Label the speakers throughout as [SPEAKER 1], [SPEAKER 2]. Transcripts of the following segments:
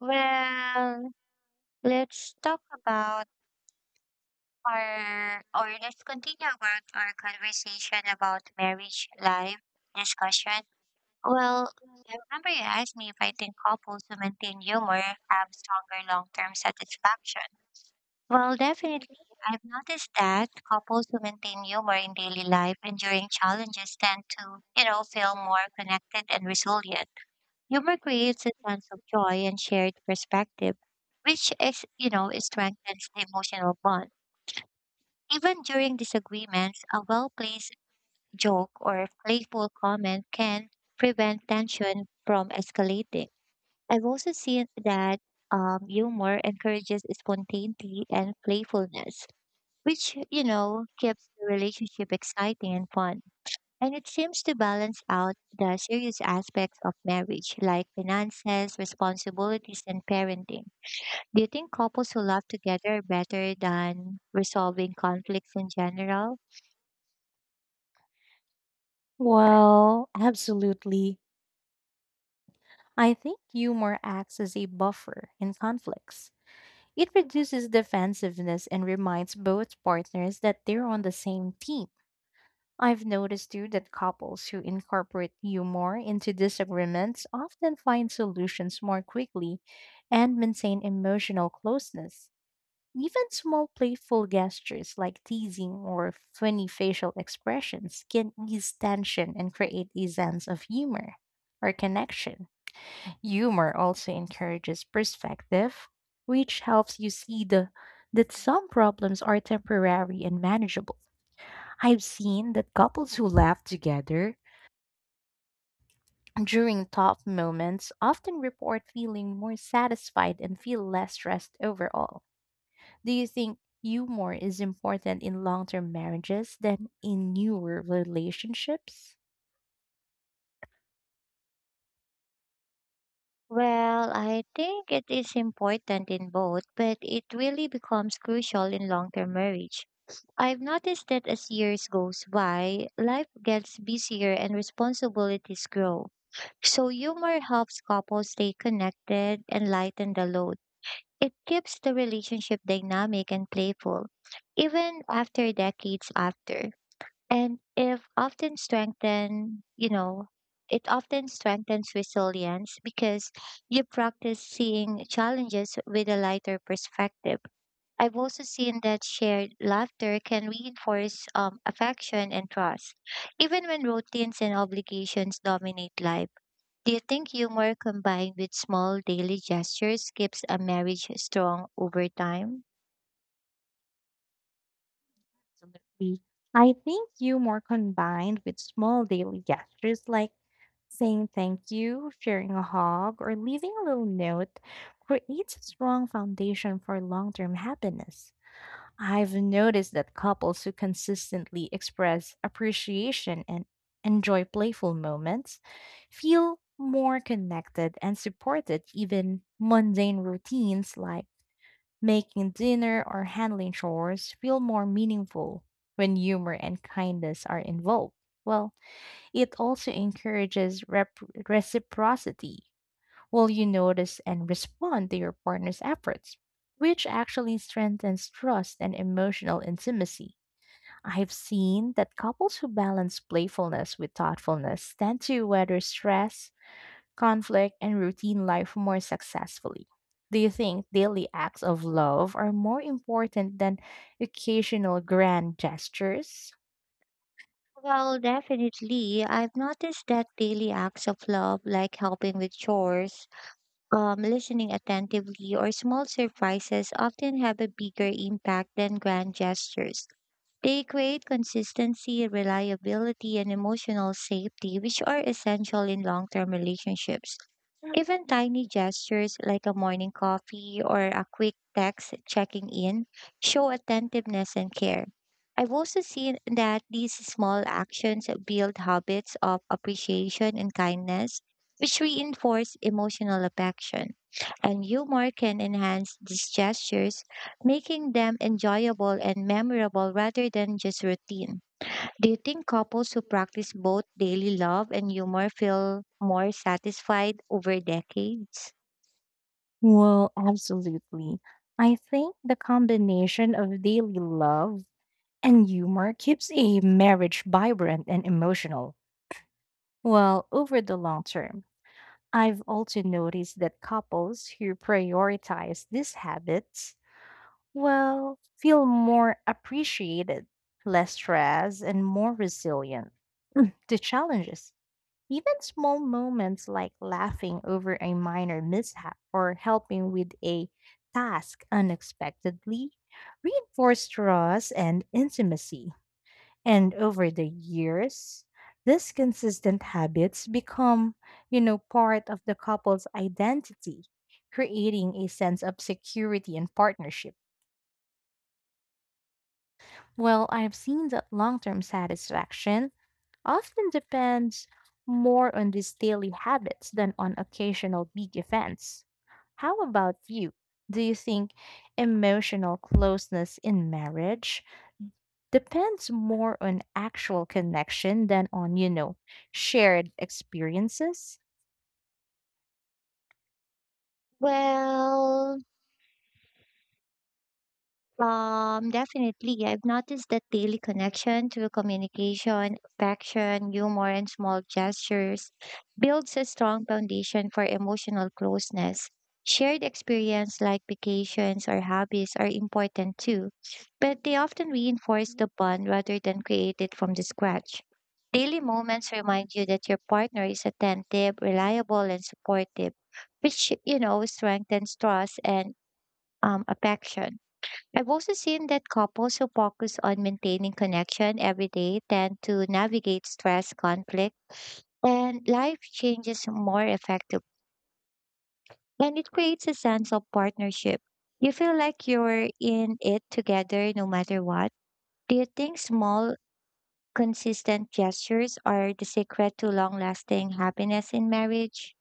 [SPEAKER 1] Well, let's talk about our, or let's continue about our conversation about marriage life discussion. Well, I remember you asked me if I think couples who maintain humor have stronger long-term satisfaction. Well, definitely. I've noticed that couples who maintain humor in daily life and during challenges tend to, you know, feel more connected and resilient. Humor creates a sense of joy and shared perspective, which is, you know, strengthens the emotional bond. Even during disagreements, a well-placed joke or playful comment can prevent tension from escalating. I've also seen that humor encourages spontaneity and playfulness, which, you know, keeps the relationship exciting and fun. And it seems to balance out the serious aspects of marriage, like finances, responsibilities, and parenting. Do you think couples who love together are better than resolving conflicts in general?
[SPEAKER 2] Well, absolutely. I think humor acts as a buffer in conflicts. It reduces defensiveness and reminds both partners that they're on the same team. I've noticed too that couples who incorporate humor into disagreements often find solutions more quickly and maintain emotional closeness. Even small playful gestures like teasing or funny facial expressions can ease tension and create a sense of humor or connection. Humor also encourages perspective, which helps you see the that some problems are temporary and manageable. I've seen that couples who laugh together during tough moments often report feeling more satisfied and feel less stressed overall. Do you think humor is important in long term marriages than in newer relationships?
[SPEAKER 1] Well, I think it is important in both, but it really becomes crucial in long term marriage. I've noticed that as years goes by, life gets busier and responsibilities grow. So humor helps couples stay connected and lighten the load. It keeps the relationship dynamic and playful, even after decades after. And if often strengthen, you know, It often strengthens resilience because you practice seeing challenges with a lighter perspective. I've also seen that shared laughter can reinforce affection and trust, even when routines and obligations dominate life. Do you think humor combined with small daily gestures keeps a marriage strong over time?
[SPEAKER 2] Absolutely. I think humor combined with small daily gestures like saying thank you, sharing a hug, or leaving a little note creates a strong foundation for long term happiness. I've noticed that couples who consistently express appreciation and enjoy playful moments feel more connected and supported. Even mundane routines like making dinner or handling chores feel more meaningful when humor and kindness are involved. Well, it also encourages reciprocity, will you notice and respond to your partner's efforts, which actually strengthens trust and emotional intimacy. I've seen that couples who balance playfulness with thoughtfulness tend to weather stress, conflict, and routine life more successfully. Do you think daily acts of love are more important than occasional grand gestures?
[SPEAKER 1] Well, definitely. I've noticed that daily acts of love, like helping with chores, listening attentively, or small surprises, often have a bigger impact than grand gestures. They create consistency, reliability, and emotional safety, which are essential in long term relationships. Even tiny gestures like a morning coffee or a quick text checking in show attentiveness and care. I've also seen that these small actions build habits of appreciation and kindness, which reinforce emotional affection. And humor can enhance these gestures, making them enjoyable and memorable rather than just routine. Do you think couples who practice both daily love and humor feel more satisfied over decades?
[SPEAKER 2] Well, absolutely. I think the combination of daily love and humor keeps a marriage vibrant and emotional. Well, over the long term, I've also noticed that couples who prioritize these habits, well, feel more appreciated, less stressed, and more resilient to challenges. Even small moments like laughing over a minor mishap or helping with a task unexpectedly reinforce trust and intimacy. And over the years, these consistent habits become, you know, part of the couple's identity, creating a sense of security and partnership. Well, I've seen that long term satisfaction often depends more on these daily habits than on occasional big events. How about you? Do you think emotional closeness in marriage depends more on actual connection than on, shared experiences?
[SPEAKER 1] Well, definitely. I've noticed that daily connection through communication, affection, humor, and small gestures builds a strong foundation for emotional closeness. Shared experience like vacations or hobbies are important too, but they often reinforce the bond rather than create it from the scratch. Daily moments remind you that your partner is attentive, reliable, and supportive, which, you know, strengthens trust and affection. I've also seen that couples who focus on maintaining connection every day tend to navigate stress, conflict, and life changes more effectively. And it creates a sense of partnership. You feel like you're in it together no matter what. Do you think small, consistent gestures are the secret to long lasting happiness in marriage?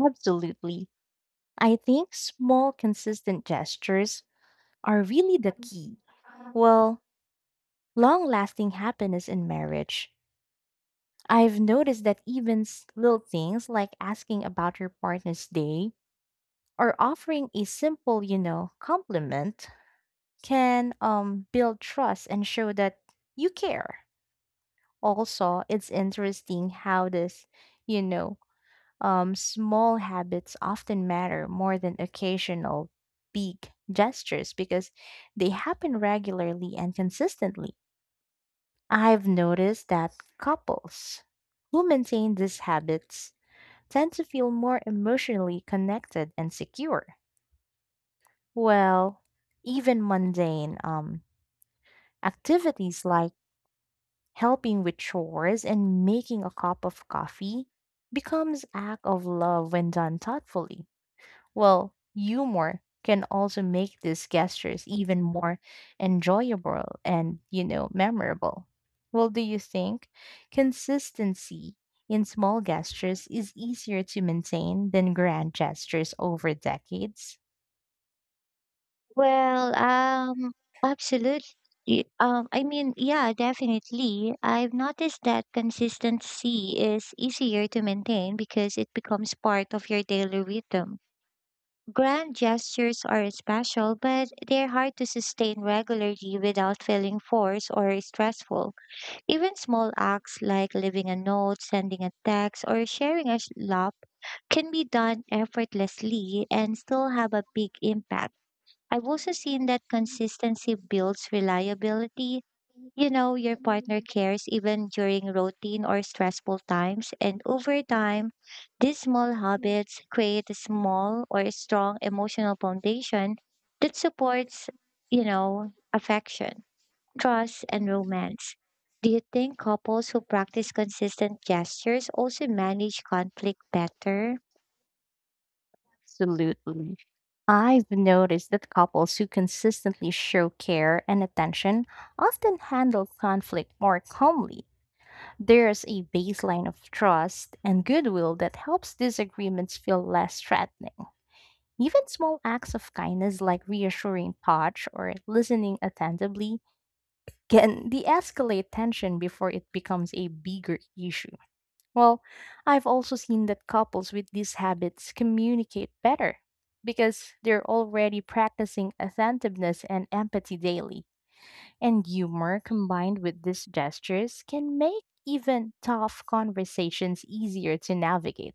[SPEAKER 2] Absolutely. I think small, consistent gestures are really the key. Well, long lasting happiness in marriage. I've noticed that even little things like asking about your partner's day or offering a simple, you know, compliment can build trust and show that you care. Also, it's interesting how this, you know, small habits often matter more than occasional big gestures because they happen regularly and consistently. I've noticed that couples who maintain these habits tend to feel more emotionally connected and secure. Well, even mundane activities like helping with chores, and making a cup of coffee becomes act of love when done thoughtfully. Well, humor can also make these gestures even more enjoyable and, you know, memorable. Well, do you think consistency in small gestures is easier to maintain than grand gestures over decades?
[SPEAKER 1] Well, absolutely. Yeah, definitely. I've noticed that consistency is easier to maintain because it becomes part of your daily rhythm. Grand gestures are special, but they're hard to sustain regularly without feeling forced or stressful. Even small acts like leaving a note, sending a text, or sharing a laugh can be done effortlessly and still have a big impact. I've also seen that consistency builds reliability. You know, your partner cares even during routine or stressful times. And over time, these small habits create a small or a strong emotional foundation that supports, you know, affection, trust, and romance. Do you think couples who practice consistent gestures also manage conflict better?
[SPEAKER 2] Absolutely. I've noticed that couples who consistently show care and attention often handle conflict more calmly. There's a baseline of trust and goodwill that helps disagreements feel less threatening. Even small acts of kindness like reassuring touch or listening attentively can de escalate tension before it becomes a bigger issue. Well, I've also seen that couples with these habits communicate better because they're already practicing attentiveness and empathy daily. And humor combined with these gestures can make even tough conversations easier to navigate.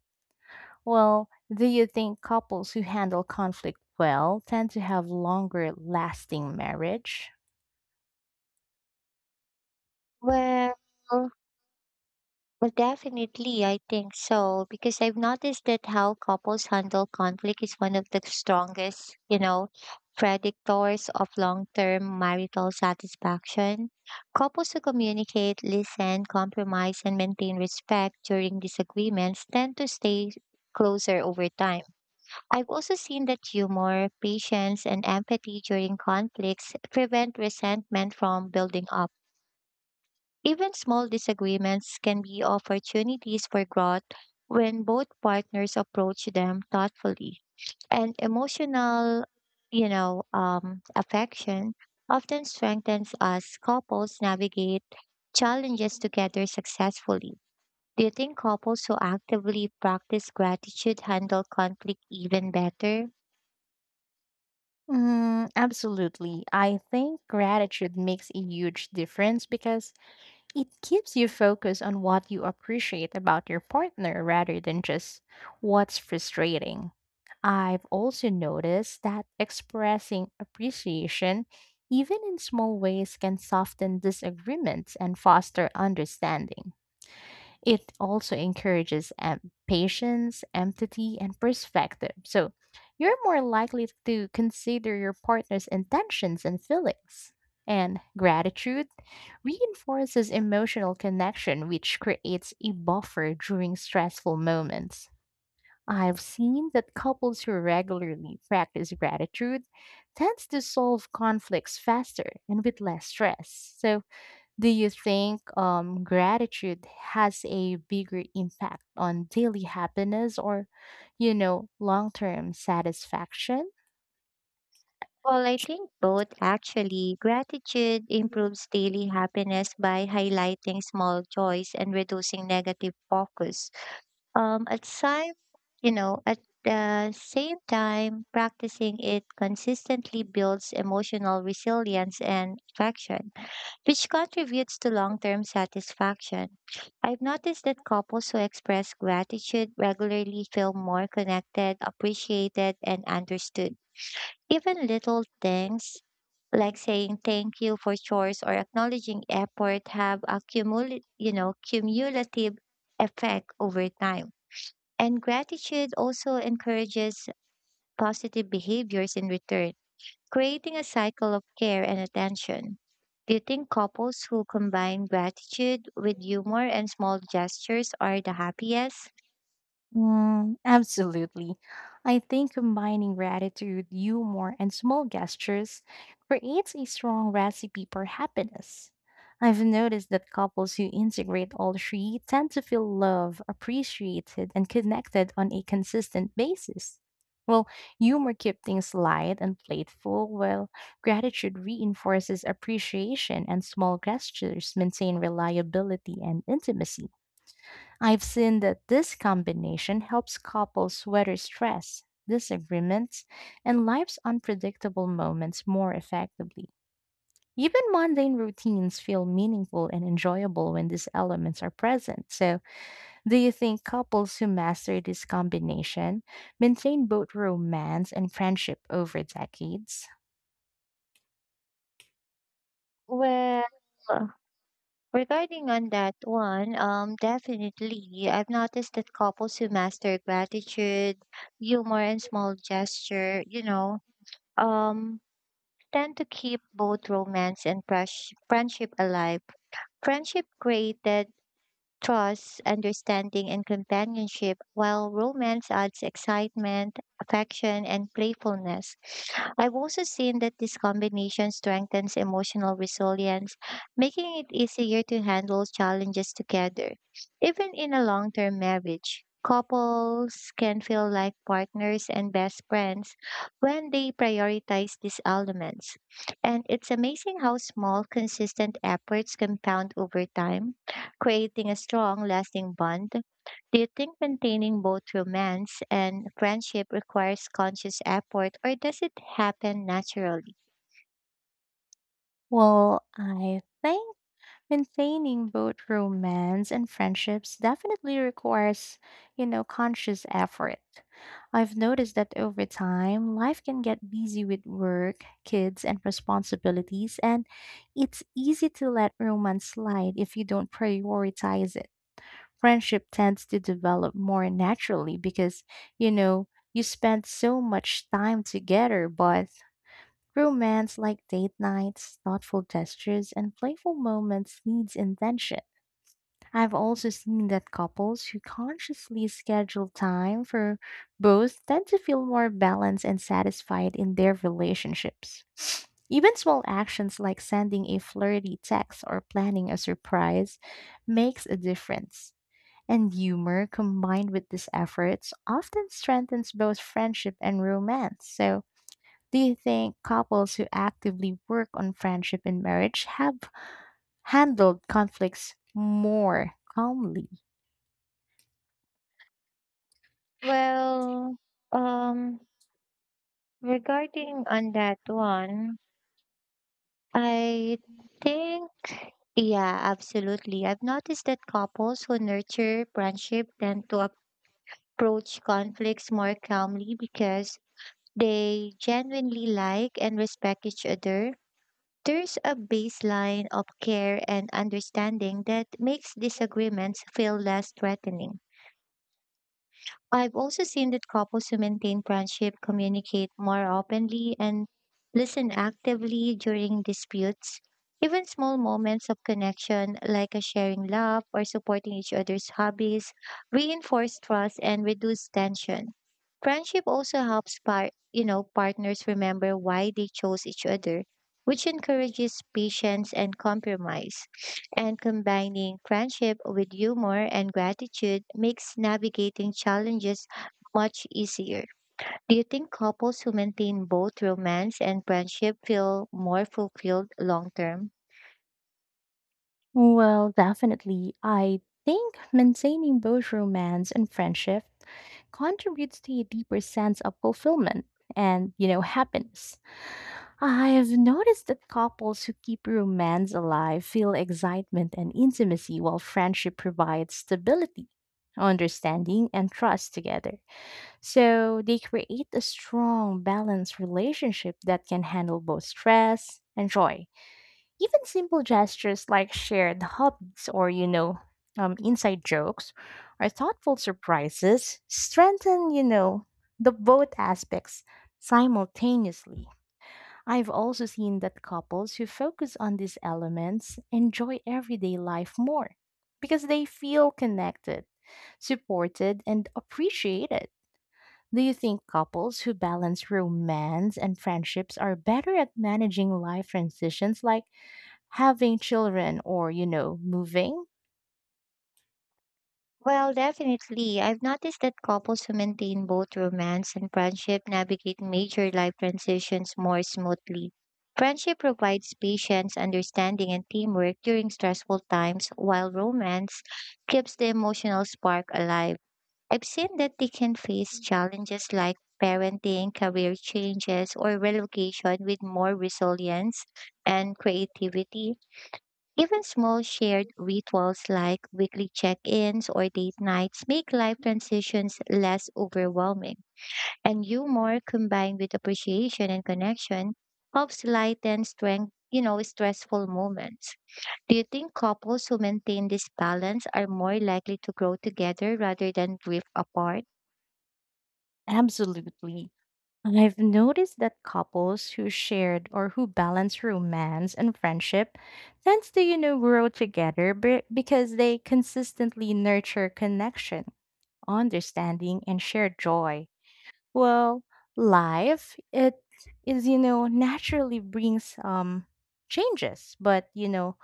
[SPEAKER 2] Well, do you think couples who handle conflict well tend to have longer lasting marriage?
[SPEAKER 1] Well, Well, definitely, I think so because I've noticed that how couples handle conflict is one of the strongest, you know, predictors of long-term marital satisfaction. Couples who communicate, listen, compromise, and maintain respect during disagreements tend to stay closer over time. I've also seen that humor, patience, and empathy during conflicts prevent resentment from building up. Even small disagreements can be opportunities for growth when both partners approach them thoughtfully. And emotional, you know, affection often strengthens as couples navigate challenges together successfully. Do you think couples who actively practice gratitude handle conflict even better?
[SPEAKER 2] Mm, absolutely. I think gratitude makes a huge difference because it keeps you focused on what you appreciate about your partner rather than just what's frustrating. I've also noticed that expressing appreciation, even in small ways, can soften disagreements and foster understanding. It also encourages patience, empathy, and perspective. So you're more likely to consider your partner's intentions and feelings. And gratitude reinforces emotional connection, which creates a buffer during stressful moments. I've seen that couples who regularly practice gratitude tends to solve conflicts faster and with less stress. So do you think gratitude has a bigger impact on daily happiness or, you know, long term satisfaction?
[SPEAKER 1] Well, I think both actually. Gratitude improves daily happiness by highlighting small joys and reducing negative focus. Um, at same, at the same time, practicing it consistently builds emotional resilience and attraction, which contributes to long-term satisfaction. I've noticed that couples who express gratitude regularly feel more connected, appreciated, and understood. Even little things like saying thank you for chores or acknowledging effort have a cumulative effect over time and gratitude also encourages positive behaviors in return, creating a cycle of care and attention. Do you think couples who combine gratitude with humor and small gestures are the happiest?
[SPEAKER 2] Mm, absolutely. I think combining gratitude, humor, and small gestures creates a strong recipe for happiness. I've noticed that couples who integrate all three tend to feel loved, appreciated, and connected on a consistent basis. Well, humor keeps things light and playful, while gratitude reinforces appreciation, and small gestures maintain reliability and intimacy. I've seen that this combination helps couples weather stress, disagreements, and life's unpredictable moments more effectively. Even mundane routines feel meaningful and enjoyable when these elements are present. So, do you think couples who master this combination maintain both romance and friendship over decades?
[SPEAKER 1] Well, regarding on that one, definitely. I've noticed that couples who master gratitude, humor, and small gesture, you know, um, tend to keep both romance and fresh friendship alive. Friendship created trust, understanding, and companionship, while romance adds excitement, affection, and playfulness. I've also seen that this combination strengthens emotional resilience, making it easier to handle challenges together. Even in a long term marriage, couples can feel like partners and best friends when they prioritize these elements. And it's amazing how small, consistent efforts compound over time, creating a strong, lasting bond. Do you think maintaining both romance and friendship requires conscious effort or does it happen naturally?
[SPEAKER 2] Well, I think maintaining both romance and friendships definitely requires, you know, conscious effort. I've noticed that over time, life can get busy with work, kids, and responsibilities, and it's easy to let romance slide if you don't prioritize it. Friendship tends to develop more naturally because, you know, you spend so much time together, but romance like date nights, thoughtful gestures, and playful moments needs intention. I've also seen that couples who consciously schedule time for both tend to feel more balanced and satisfied in their relationships. Even small actions like sending a flirty text or planning a surprise makes a difference. And humor combined with these efforts often strengthens both friendship and romance. So, do you think couples who actively work on friendship in marriage have handled conflicts more calmly?
[SPEAKER 1] Well, um, regarding on that one, I think, yeah, absolutely. I've noticed that couples who nurture friendship tend to approach conflicts more calmly because they genuinely like and respect each other. There's a baseline of care and understanding that makes disagreements feel less threatening. I've also seen that couples who maintain friendship communicate more openly and listen actively during disputes. Even small moments of connection, like a sharing laugh or supporting each other's hobbies, reinforce trust and reduce tension. Friendship also helps you know, partners remember why they chose each other, which encourages patience and compromise, and combining friendship with humor and gratitude makes navigating challenges much easier. Do you think couples who maintain both romance and friendship feel more fulfilled long term?
[SPEAKER 2] Well, definitely. I think maintaining both romance and friendship contributes to a deeper sense of fulfillment and, you know, happiness. I have noticed that couples who keep romance alive feel excitement and intimacy while friendship provides stability, understanding, and trust together. So they create a strong, balanced relationship that can handle both stress and joy. Even simple gestures like shared hobbies or, inside jokes or thoughtful surprises strengthen, the both aspects simultaneously. I've also seen that couples who focus on these elements enjoy everyday life more because they feel connected, supported, and appreciated. Do you think couples who balance romance and friendships are better at managing life transitions like having children or, you know, moving?
[SPEAKER 1] Well, definitely. I've noticed that couples who maintain both romance and friendship navigate major life transitions more smoothly. Friendship provides patience, understanding, and teamwork during stressful times, while romance keeps the emotional spark alive. I've seen that they can face challenges like parenting, career changes, or relocation with more resilience and creativity. Even small shared rituals like weekly check ins or date nights make life transitions less overwhelming. And humor combined with appreciation and connection helps lighten strength, you know, stressful moments. Do you think couples who maintain this balance are more likely to grow together rather than drift apart?
[SPEAKER 2] Absolutely. I've noticed that couples who shared or who balance romance and friendship tends to, you know, grow together because they consistently nurture connection, understanding, and shared joy. Well, life it is you know naturally brings changes, but you know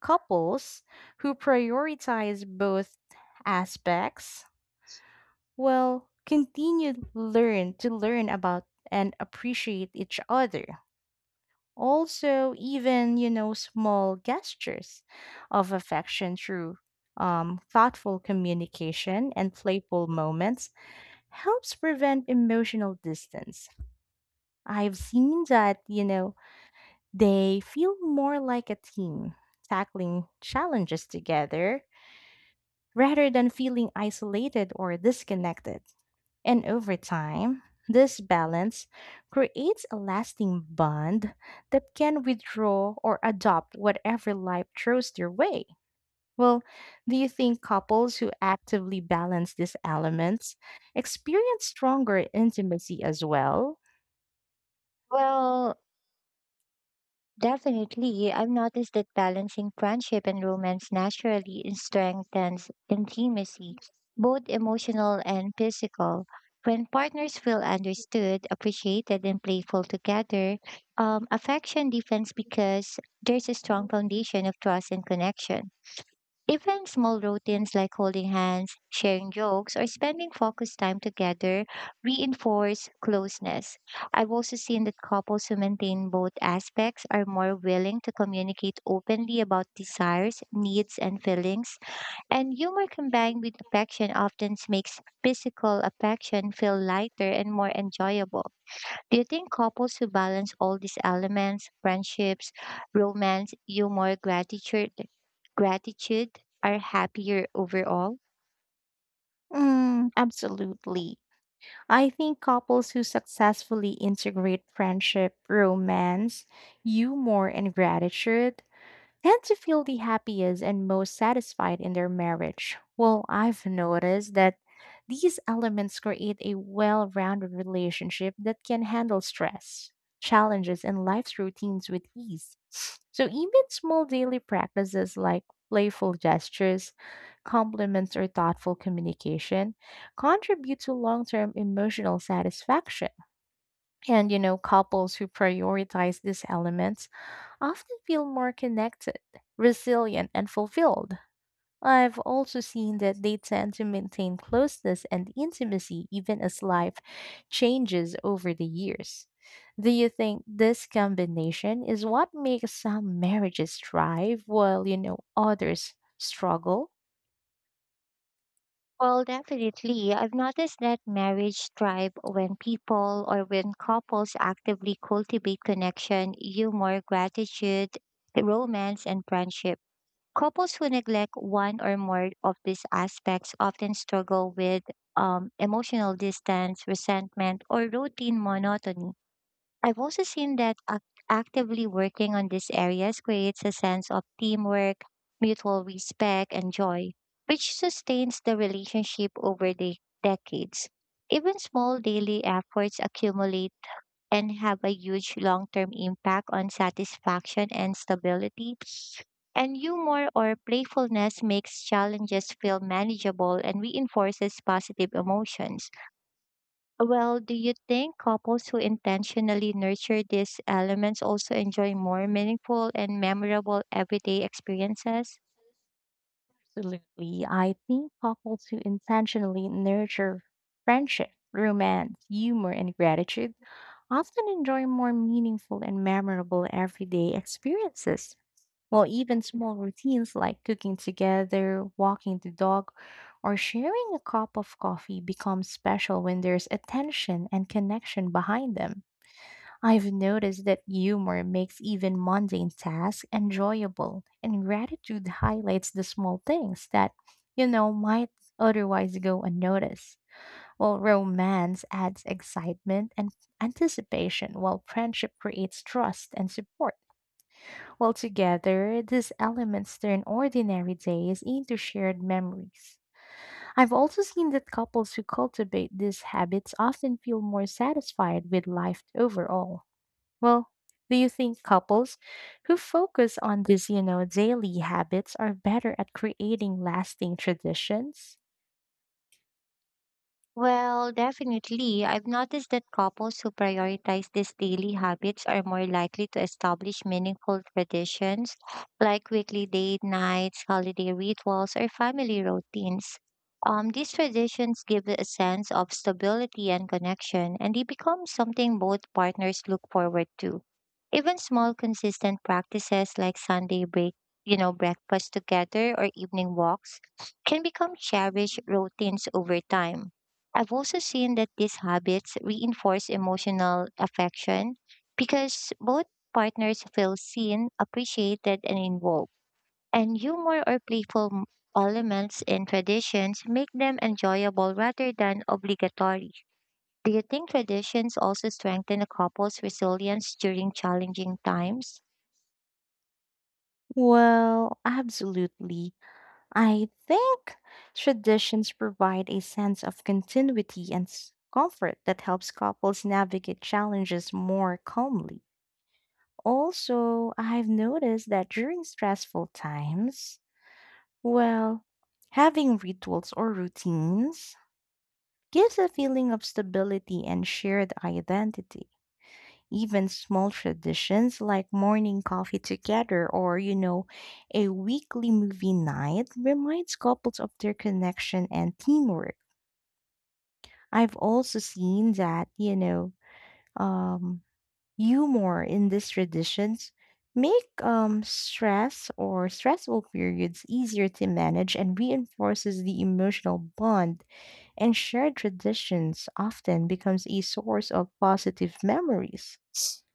[SPEAKER 2] couples who prioritize both aspects will continue to learn about and appreciate each other. Also, even you know small gestures of affection through thoughtful communication and playful moments helps prevent emotional distance. I've seen that, you know, they feel more like a team, tackling challenges together rather than feeling isolated or disconnected. And over time, this balance creates a lasting bond that can withdraw or adopt whatever life throws their way. Well, do you think couples who actively balance these elements experience stronger intimacy as well?
[SPEAKER 1] Well, definitely. I've noticed that balancing friendship and romance naturally strengthens intimacy, both emotional and physical. When partners feel understood, appreciated, and playful together, affection deepens because there's a strong foundation of trust and connection. Even small routines like holding hands, sharing jokes, or spending focused time together reinforce closeness. I've also seen that couples who maintain both aspects are more willing to communicate openly about desires, needs, and feelings. And humor combined with affection often makes physical affection feel lighter and more enjoyable. Do you think couples who balance all these elements, friendships, romance, humor, gratitude are happier overall?
[SPEAKER 2] Mm, absolutely. I think couples who successfully integrate friendship, romance, humor, and gratitude tend to feel the happiest and most satisfied in their marriage. Well, I've noticed that these elements create a well rounded relationship that can handle stress, challenges, and life's routines with ease. So, even small daily practices like playful gestures, compliments, or thoughtful communication contribute to long term emotional satisfaction. And, you know, couples who prioritize these elements often feel more connected, resilient, and fulfilled. I've also seen that they tend to maintain closeness and intimacy even as life changes over the years. Do you think this combination is what makes some marriages thrive while, you know, others struggle?
[SPEAKER 1] Well, definitely. I've noticed that marriage thrive when people or when couples actively cultivate connection, humor, gratitude, romance, and friendship. Couples who neglect one or more of these aspects often struggle with emotional distance, resentment, or routine monotony. I've also seen that actively working on these areas creates a sense of teamwork, mutual respect, and joy, which sustains the relationship over the decades. Even small daily efforts accumulate and have a huge long term impact on satisfaction and stability. And humor or playfulness makes challenges feel manageable and reinforces positive emotions. Well, do you think couples who intentionally nurture these elements also enjoy more meaningful and memorable everyday experiences?
[SPEAKER 2] Absolutely. I think couples who intentionally nurture friendship, romance, humor, and gratitude often enjoy more meaningful and memorable everyday experiences. Well, even small routines like cooking together, walking the dog, or sharing a cup of coffee become special when there's attention and connection behind them. I've noticed that humor makes even mundane tasks enjoyable, and gratitude highlights the small things that, you know, might otherwise go unnoticed. Well, romance adds excitement and anticipation, while friendship creates trust and support. While together, these elements turn ordinary days into shared memories. I've also seen that couples who cultivate these habits often feel more satisfied with life overall. Well, do you think couples who focus on these, you know, daily habits are better at creating lasting traditions?
[SPEAKER 1] Well, definitely. I've noticed that couples who prioritize these daily habits are more likely to establish meaningful traditions like weekly date nights, holiday rituals, or family routines. These traditions give a sense of stability and connection, and they become something both partners look forward to. Even small consistent practices like Sunday breakfast together or evening walks can become cherished routines over time. I've also seen that these habits reinforce emotional affection because both partners feel seen, appreciated, and involved. And humor or playful elements in traditions make them enjoyable rather than obligatory. Do you think traditions also strengthen a couple's resilience during challenging times?
[SPEAKER 2] Well, absolutely. I think traditions provide a sense of continuity and comfort that helps couples navigate challenges more calmly. Also, I've noticed that during stressful times, well, having rituals or routines gives a feeling of stability and shared identity. Even small traditions like morning coffee together or, you know, a weekly movie night reminds couples of their connection and teamwork. I've also seen that, um, humor in these traditions make stress or stressful periods easier to manage and reinforces the emotional bond and shared traditions often becomes a source of positive memories,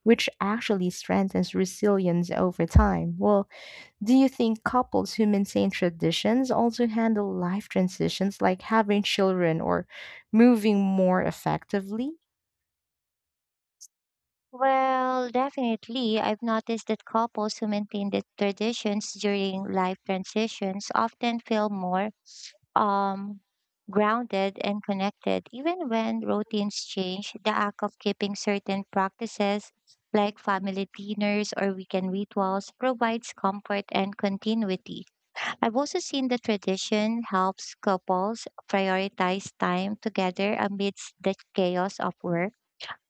[SPEAKER 2] which actually strengthens resilience over time. Well, do you think couples who maintain traditions also handle life transitions like having children or moving more effectively?
[SPEAKER 1] Well, definitely. I've noticed that couples who maintain the traditions during life transitions often feel more um, grounded and connected. Even when routines change, the act of keeping certain practices like family dinners or weekend rituals provides comfort and continuity. I've also seen the tradition helps couples prioritize time together amidst the chaos of work,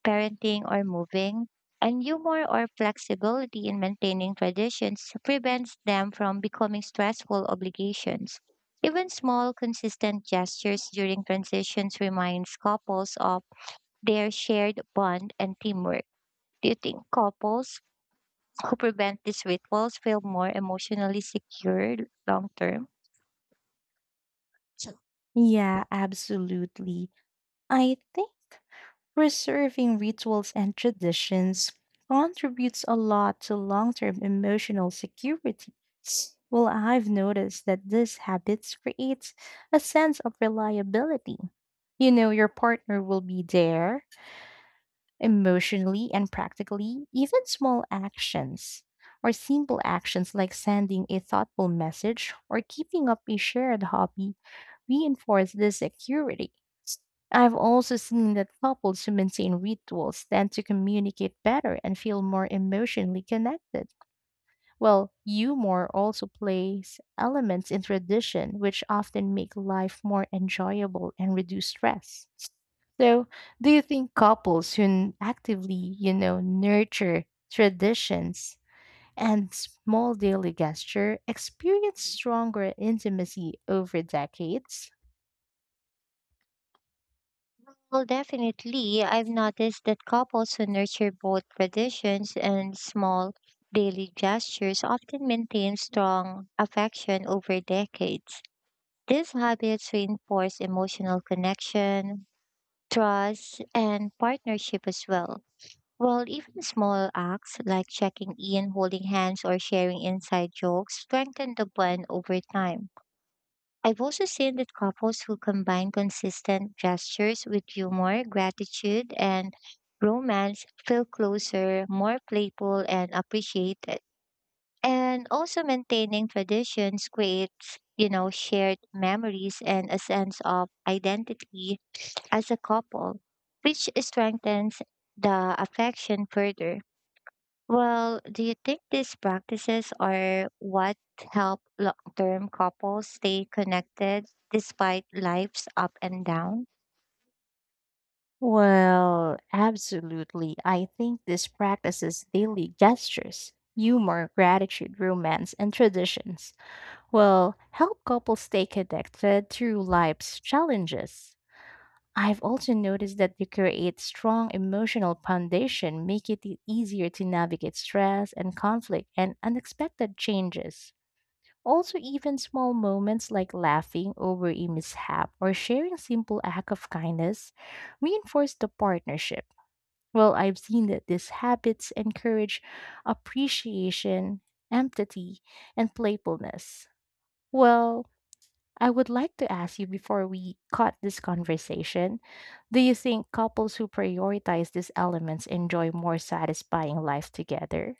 [SPEAKER 1] parenting, or moving, and humor or flexibility in maintaining traditions prevents them from becoming stressful obligations. Even small, consistent gestures during transitions reminds couples of their shared bond and teamwork. Do you think couples who prevent these rituals feel more emotionally secure long term?
[SPEAKER 2] Yeah, absolutely. I think preserving rituals and traditions contributes a lot to long term emotional security. Well, I've noticed that these habits create a sense of reliability. You know, your partner will be there emotionally and practically. Even small actions or simple actions like sending a thoughtful message or keeping up a shared hobby reinforce this security. I've also seen that couples who maintain rituals tend to communicate better and feel more emotionally connected. Well, humor also plays elements in tradition, which often make life more enjoyable and reduce stress. So, do you think couples who actively, you know, nurture traditions and small daily gesture experience stronger intimacy over decades?
[SPEAKER 1] Well, definitely. I've noticed that couples who nurture both traditions and small daily gestures often maintain strong affection over decades. These habits reinforce emotional connection, trust, and partnership as well. While even small acts like checking in, holding hands, or sharing inside jokes strengthen the bond over time. I've also seen that couples who combine consistent gestures with humor, gratitude, and romance feel closer, more playful, and appreciated. And also maintaining traditions creates, you know, shared memories and a sense of identity as a couple, which strengthens the affection further. Well, do you think these practices are what help long term couples stay connected despite life's up and down?
[SPEAKER 2] Well, absolutely. I think this practices daily gestures, humor, gratitude, romance, and traditions. Well, help couples stay connected through life's challenges. I've also noticed that they create strong emotional foundation, make it easier to navigate stress and conflict and unexpected changes. Also, even small moments like laughing over a mishap or sharing simple act of kindness reinforce the partnership. Well, I've seen that these habits encourage appreciation, empathy, and playfulness. Well, I would like to ask you before we cut this conversation, do you think couples who prioritize these elements enjoy more satisfying life together?